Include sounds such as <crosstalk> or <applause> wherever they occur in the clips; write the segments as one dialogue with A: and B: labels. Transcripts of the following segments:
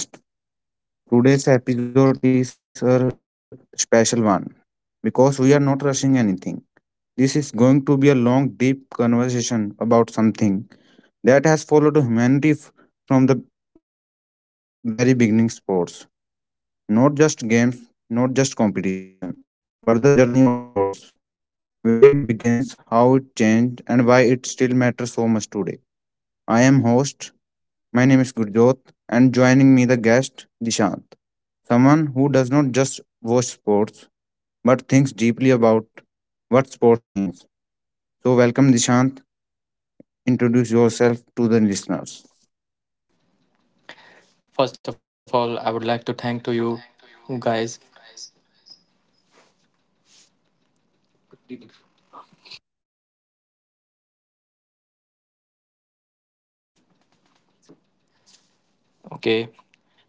A: Hello everyone. Welcome to the podcast. Today's episode is a special one because we are not rushing anything. This is going to be a long deep conversation about something that has followed humanity from the very beginning sports. Not just games, not just competition, but the journey of sports, where it begins, how it changed and why it still matters so much today. I am host. My name is Gurjot, and joining me the guest Dishant, someone who does not just watch sports but thinks deeply about what sports means. So, welcome Dishant. Introduce yourself to the listeners.
B: First of all, I would like to thank to you guys. Okay.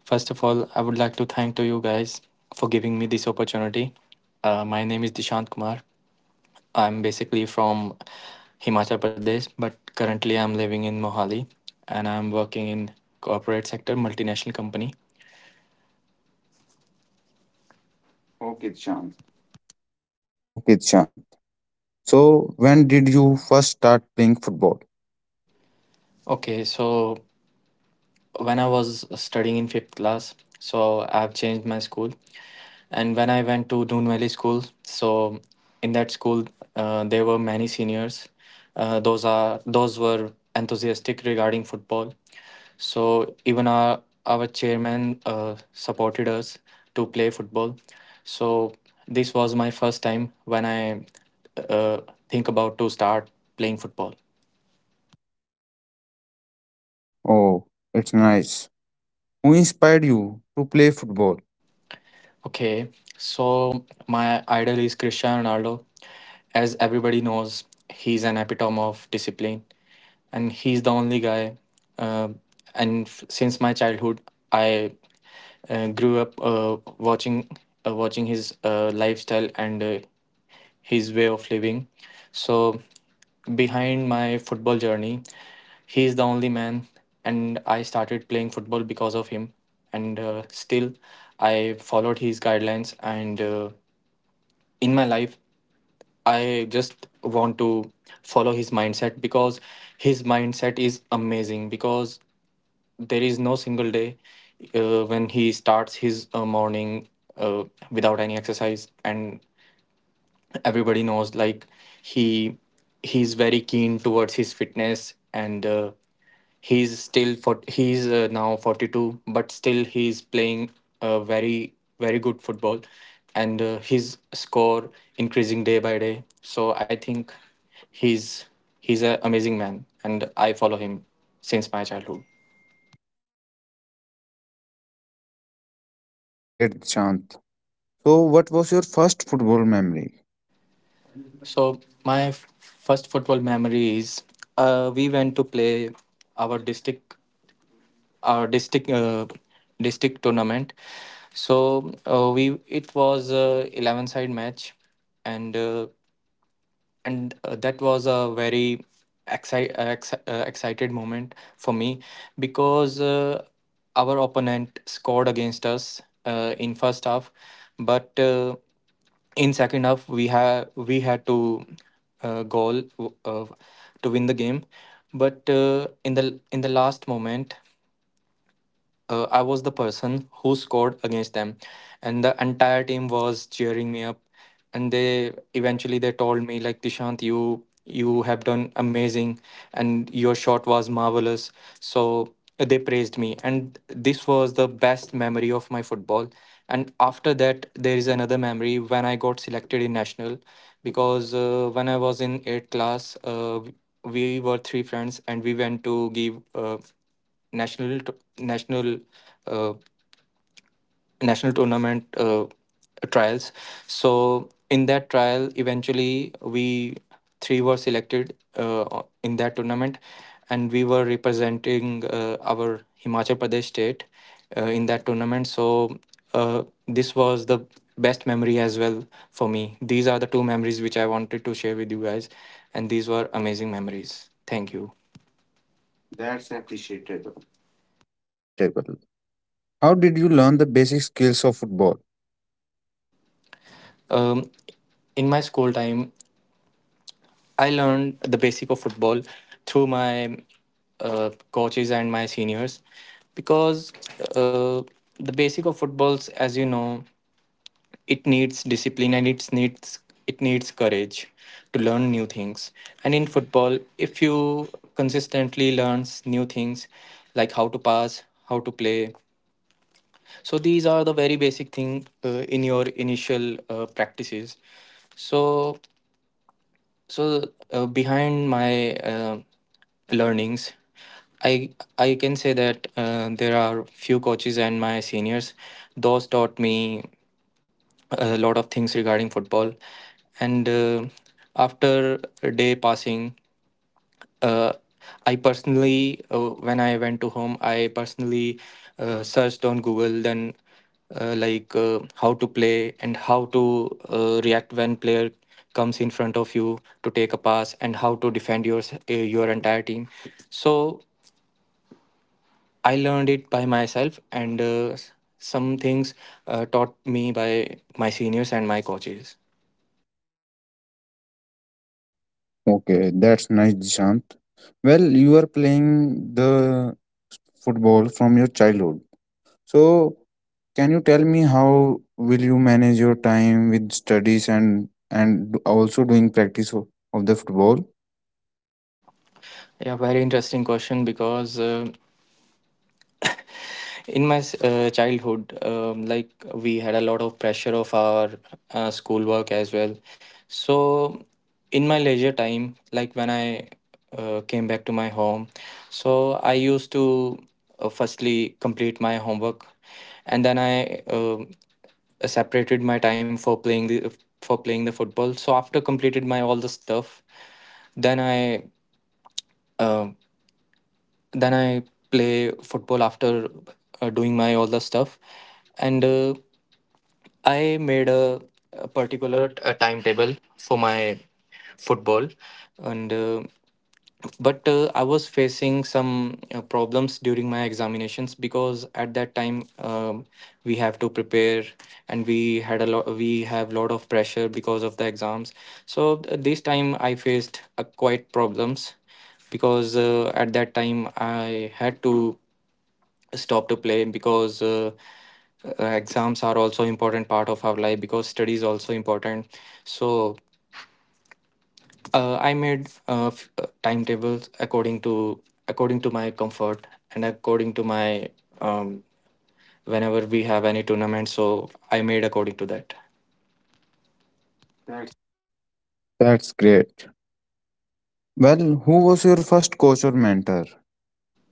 B: First of all, I would like to thank to you guys for giving me this opportunity. My name is Dishant Kumar. I'm basically from Himachal Pradesh, but currently I'm living in Mohali and I'm working in corporate sector, multinational company. Okay, Dishant.
A: Okay, Dishant. So, when did you first start playing football?
B: Okay, so when I was studying in fifth class, so I've changed my school. And when I went to Dune Valley School, so in that school there were many seniors. Those were enthusiastic regarding football. So even our chairman supported us to play football. So this was my first time when I uh, think about to start playing football.
A: Oh, it's nice. Who inspired you to play football?
B: Okay, so my idol is Cristiano Ronaldo. As everybody knows, he's an epitome of discipline and he's the only guy. Uh, since my childhood, I grew up watching his lifestyle and his way of living. So behind my football journey, he is the only man, and I started playing football because of him. And still, I followed his guidelines, and in my life, I just want to follow his mindset because his mindset is amazing because there is no single day when he starts his morning uh, without any exercise. And everybody knows like he he's very keen towards his fitness, and he's now 42, but still he's playing uh, very very good football, and his score increasing day by day. So I think he's he's an amazing man, and I follow him since my childhood.
A: Oh, that's great, Dishant. So, what was your first football memory?
B: So my first football memory is, we went to play our district, our district tournament. So we it was a 11 side match, and uh, and that was a very excited moment for me because our opponent scored against us in first half, but in second half we had to goal uh, to win the game. But in the last moment, I was the person who scored against them, and the entire team was cheering me up. And they eventually they told me like, Dishant, you have done amazing, and your shot was marvelous. So they praised me, and this was the best memory of my football. And after that, there is another memory when I got selected in national, because when I was in eighth class, we were three friends and we went to give. National t- national uh, National tournament trials. So in that trial eventually we three were selected in that tournament, and we were representing our Himachal Pradesh state in that tournament. So this was the best memory as well for me. These are the two memories which I wanted to share with you guys, and these were amazing memories. Thank you. That's appreciated.
A: That's appreciable. How did you learn the basic skills of football?
B: Um. In my school time, I learned the basic of football through my coaches and my seniors because uh, the basic of footballs, as you know, it needs discipline, and it needs courage to learn new things. And in football, if you consistently learns new things like how to pass, how to play, so these are the very basic thing in your initial practices. So So behind my learnings, I I can say that there are few coaches and my seniors. Those taught me a lot of things regarding football, and after a day passing, uh, I personally, when I went to home, I personally searched on Google. Then how to play and how to react when player comes in front of you to take a pass, and how to defend your entire team. So I learned it by myself, and some things taught me by my seniors and my coaches.
A: Okay, that's nice, Dishant. Well, you are playing the football from your childhood. So, can you tell me how will you manage your time with studies and also doing practice of the football?
B: Yeah, very interesting question. Because. uh, In my childhood, like we had a lot of pressure of our schoolwork as well. So, in my leisure time, like when I came back to my home, so I used to firstly complete my homework, and then I separated my time for playing the football. So after completed my all the stuff, then I um then I play football after doing my all the stuff, and I made a particular a timetable for my football, and but I was facing some problems during my examinations because at that time, we have to prepare, and we have lot of pressure because of the exams. So this time I faced quite problems because at that time I had to stop to play because exams are also important part of our life because study is also important. So I made timetables according to my comfort and according to my, um, whenever we have any tournament, so I made according to that. Right.
A: That's great. Well, who was your first coach or mentor?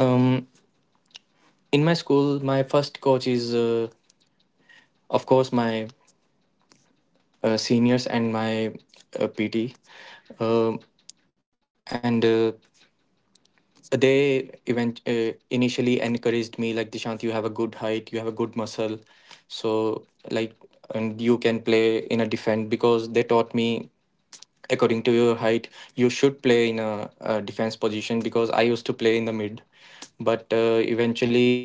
B: um, in my school, my first coach is of course my seniors and my PT. Um and So they event initially encouraged me like, Dishant, you have a good height, you have a good muscle, so like, and you can play in a defense because they taught me, according to your height you should play in a defense position, because I used to play in the mid. But eventually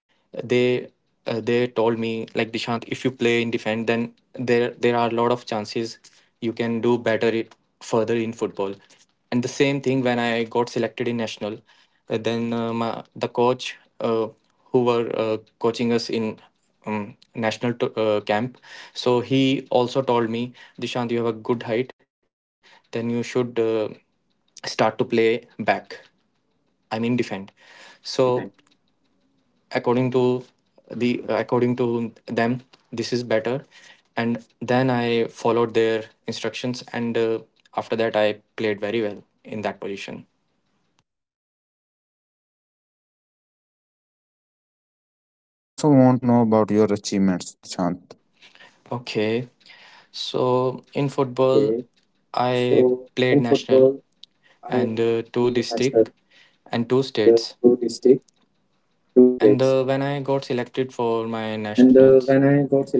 B: they they told me like, Dishant, if you play in defense, then there are a lot of chances you can do better it further in football. And the same thing, when I got selected in national, then my, the coach who were coaching us in, national to, camp. So he also told me, Dishant, you have a good height, then you should start to play back. I mean defend. So
A: I'm in defense.
B: according to the, according to them, this is better. And then I followed their instructions, and after that I played very well in that position.
A: That's nice. Well, listener also want to know about your achievements, Dishant.
B: Okay, so in
A: Okay.
B: football, I
A: So in
B: played national
A: football, I
B: and two
A: played
B: district
A: national,
B: and two states.
A: two district, two
B: And
A: states.
B: when I got selected for my nationals,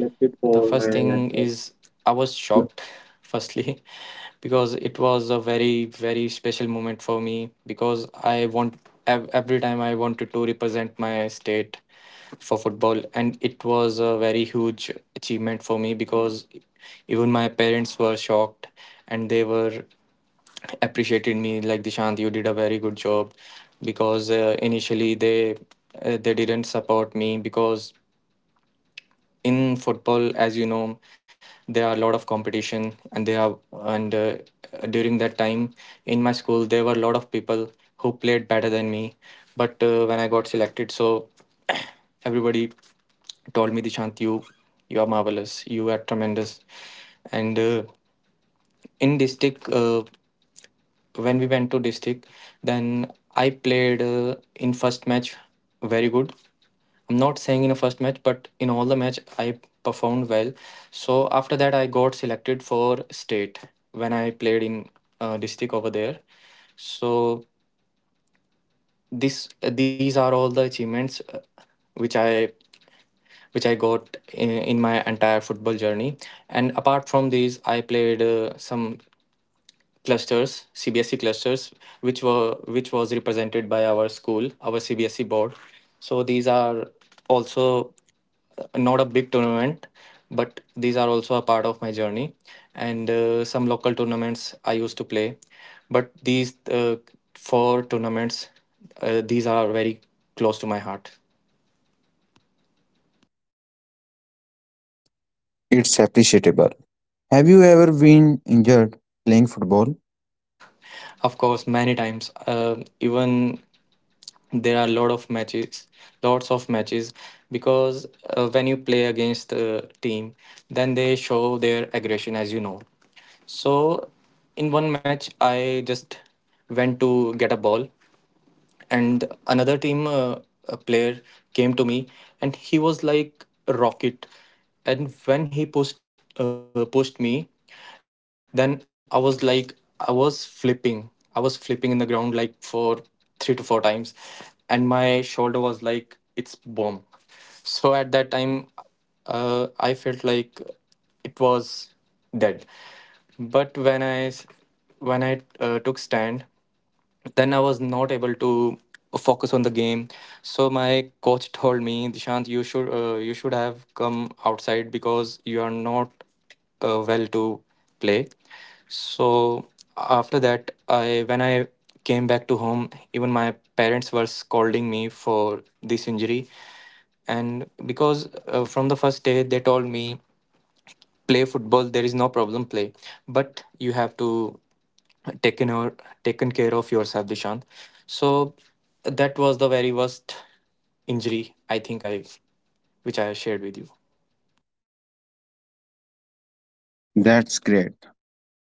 B: the first thing is I was shocked, <laughs> firstly, <laughs> because it was a very very special moment for me. Because I want every time I wanted to represent my state for football, and it was a very huge achievement for me, because even my parents were shocked, and they were appreciated me like, Dishant, you did a very good job. Because initially they didn't support me because in football, as you know, there are a lot of competition. And there are, and during that time in my school, there were a lot of people who played better than me. But when I got selected, so <clears throat> everybody told me, Dishant, you are marvelous, you are tremendous. And in district when we went to district, then I played in first match very good. I'm not saying in a first match, but in all the match I performed well. So after that I got selected for state when I played in district over there. So this these are all the achievements which i which I got in my entire football journey. And apart from these, I played some clusters CBSE clusters which was represented by our school, our CBSE board. So these are also not a big tournament, but these are also a part of my journey. And some local tournaments I used to play, but these four tournaments, these are very close to my heart.
A: It's appreciable. Have you ever been injured playing football?
B: Of course, many times. Even There are a lot of matches, lots of matches because when you play against the team, then they show their aggression, as you know. So in one match, I just went to get a ball, and another team a player came to me, and he was like a rocket. And when he pushed me, then I was like, I was flipping, I was flipping in the ground like for 3 to 4 times, and my shoulder was like it's bomb. So at that time, I felt like it was dead. But when I took stand, then I was not able to focus on the game. So my coach told me, Dishant, you should have come outside because you are not well to play. So after that, I when I came back to home, even my parents were scolding me for this injury, and because from the first day they told me, play football, there is no problem play, but you have to taken over, taken care of yourself, Dishant. So that was the very worst injury I think I which I shared with you.
A: That's great.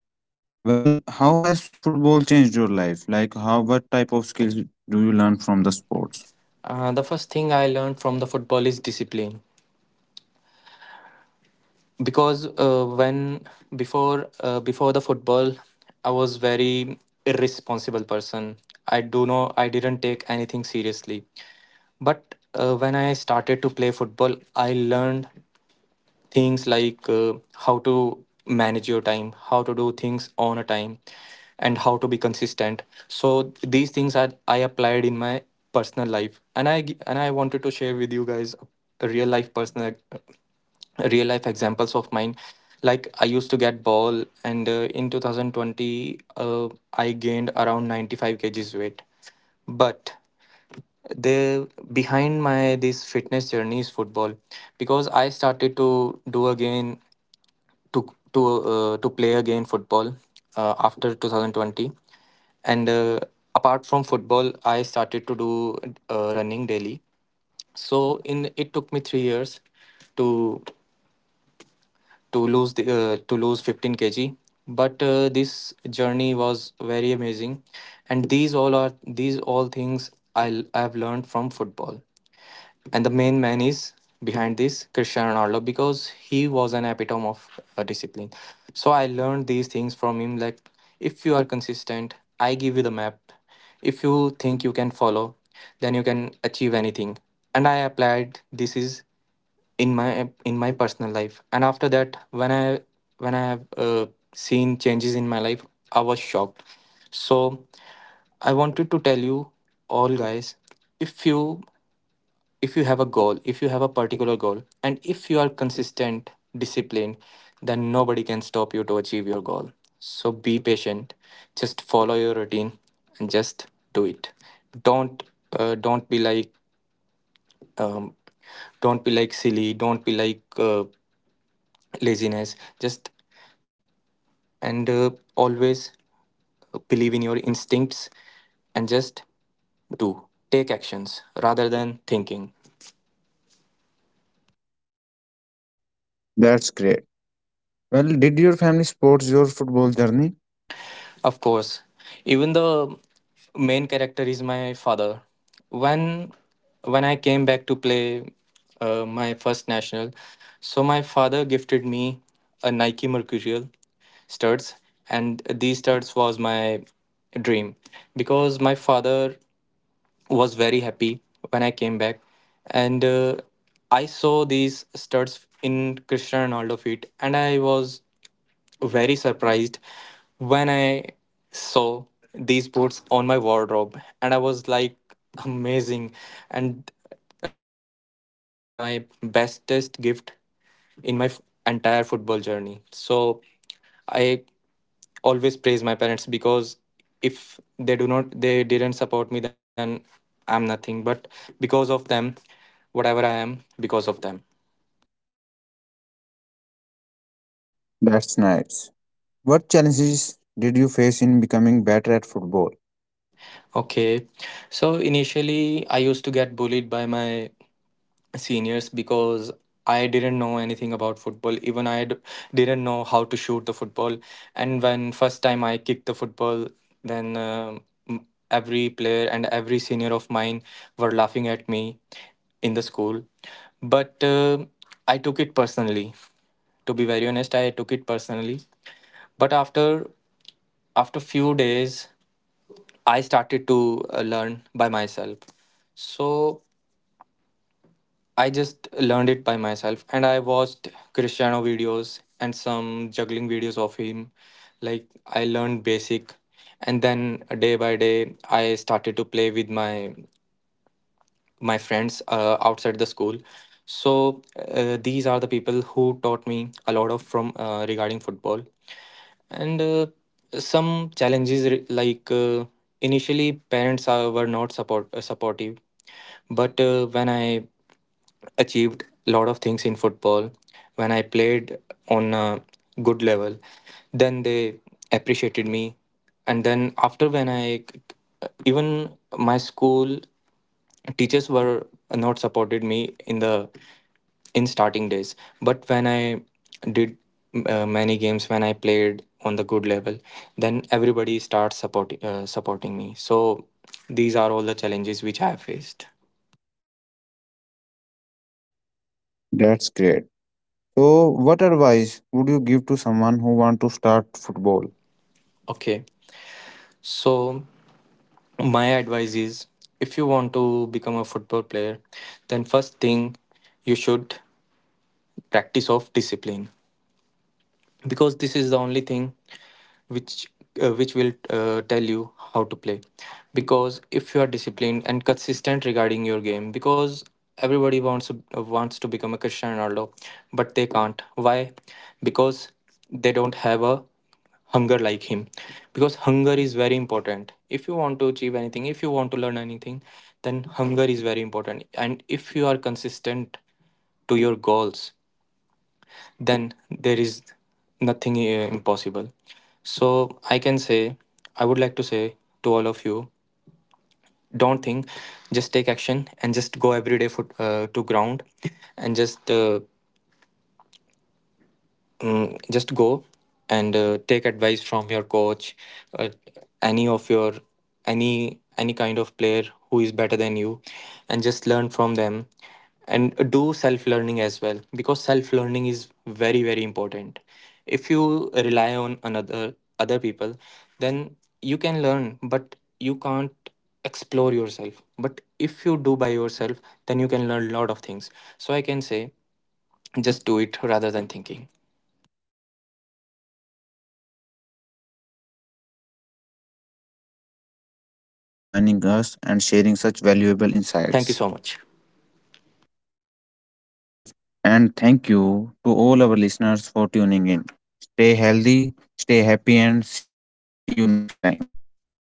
A: Well, how has football changed your life? Like, how what type of skills do you learn from the sports?
B: The first thing I learned from the football is discipline because when before before the football I was very irresponsible person. I do know I didn't take anything seriously. But when I started to play football, I learned things like how to manage your time, how to do things on a time, and how to be consistent. So these things I applied in my personal life, and I wanted to share with you guys a real life personal real life examples of mine. Like I used to get ball, and in 2020 I gained around 95 kg kgs weight, but there, behind my this fitness journey is football, because I started to do again to to play again football after 2020. And apart from football, I started to do running daily. So in it took me 3 years to to lose the to lose 15 kg. But this journey was very amazing, and these all things I have learned from football. And the main man is behind this, Cristiano Ronaldo, because he was an epitome of discipline. So I learned these things from him. Like, if you are consistent, I give you the map. If you think you can follow, then you can achieve anything. And I applied this is in my personal life. And after that, when I have seen changes in my life, I was shocked. So I wanted to tell you all guys, if you if you have a goal, if you have a particular goal, and if you are consistent, disciplined, then nobody can stop you to achieve your goal. So be patient, just follow your routine and just do it. Don't don't be like um, don't be like silly, don't be like laziness. Just and always believe in your instincts and just do. Take actions rather than thinking.
A: That's great. Well, did your family support your football journey?
B: Of course, even the main character is my father. When when I came back to play my first national, so my father gifted me a Nike Mercurial studs, and these studs was my dream. Because my father was very happy when I came back, and I saw these studs in Cristiano Ronaldo feet, and I was very surprised when I saw these boots on my wardrobe, and I was like, amazing. And that gift was my bestest gift in my entire football journey. So I always praise my parents because if they do not, they didn't support me, then I'm nothing. But because of them, whatever I am, because of them.
A: That's nice. What challenges did you face in becoming better at football?
B: Okay. So initially, I used to get bullied by my seniors because I didn't know anything about football. Even I didn't know how to shoot the football. And when first time I kicked the football, then every player and every senior of mine were laughing at me in the school. But I took it personally. To be very honest, I took it personally. But after few days I started to learn by myself. So I just learned it by myself, and I watched Cristiano videos and some juggling videos of him. Like I learned basic, and then day by day I started to play with my friends outside the school. So these are the people who taught me a lot of from regarding football. And some challenges re- like initially parents were not support supportive. But when I achieved a lot of things in football, when I played on a good level, then they appreciated me. And then after, when I, even my school teachers were not supported me in the in starting days, but when I did many games, when I played on the good level, then everybody starts supporting me. So these are all the challenges which I have faced.
A: That's great. So, what advice would you give to someone who want to start football?
B: Okay, so my advice is, if you want to become a football player, then first thing you should practice of discipline, because this is the only thing which will tell you how to play. Because if you are disciplined and consistent regarding your game, because everybody wants to become a Cristiano Ronaldo, but they can't. Why? Because they don't have a hunger like him. Because hunger is very important, if you want to achieve anything, if you want to learn anything, then hunger is very important. And if you are consistent to your goals, then there is nothing impossible. So I can say, I would like to say to all of you, don't think, just take action and just go every day for to ground, and just go, and take advice from your coach, uh, any of your any any kind of player who is better than you, and just learn from them, and do self learning as well, because self learning is very very important. If you rely on another other people, then you can learn, but you can't explore yourself. But if you do by yourself, then you can learn a lot of things. So I can say, just do it rather than thinking.
A: Okay, that's a powerful message. Thank you so much, Dishant, for joining us and sharing such valuable
B: Thank you
A: insights.
B: so much.
A: And thank you to all our listeners for tuning in. Stay healthy, stay happy, and see you next time. Thank you.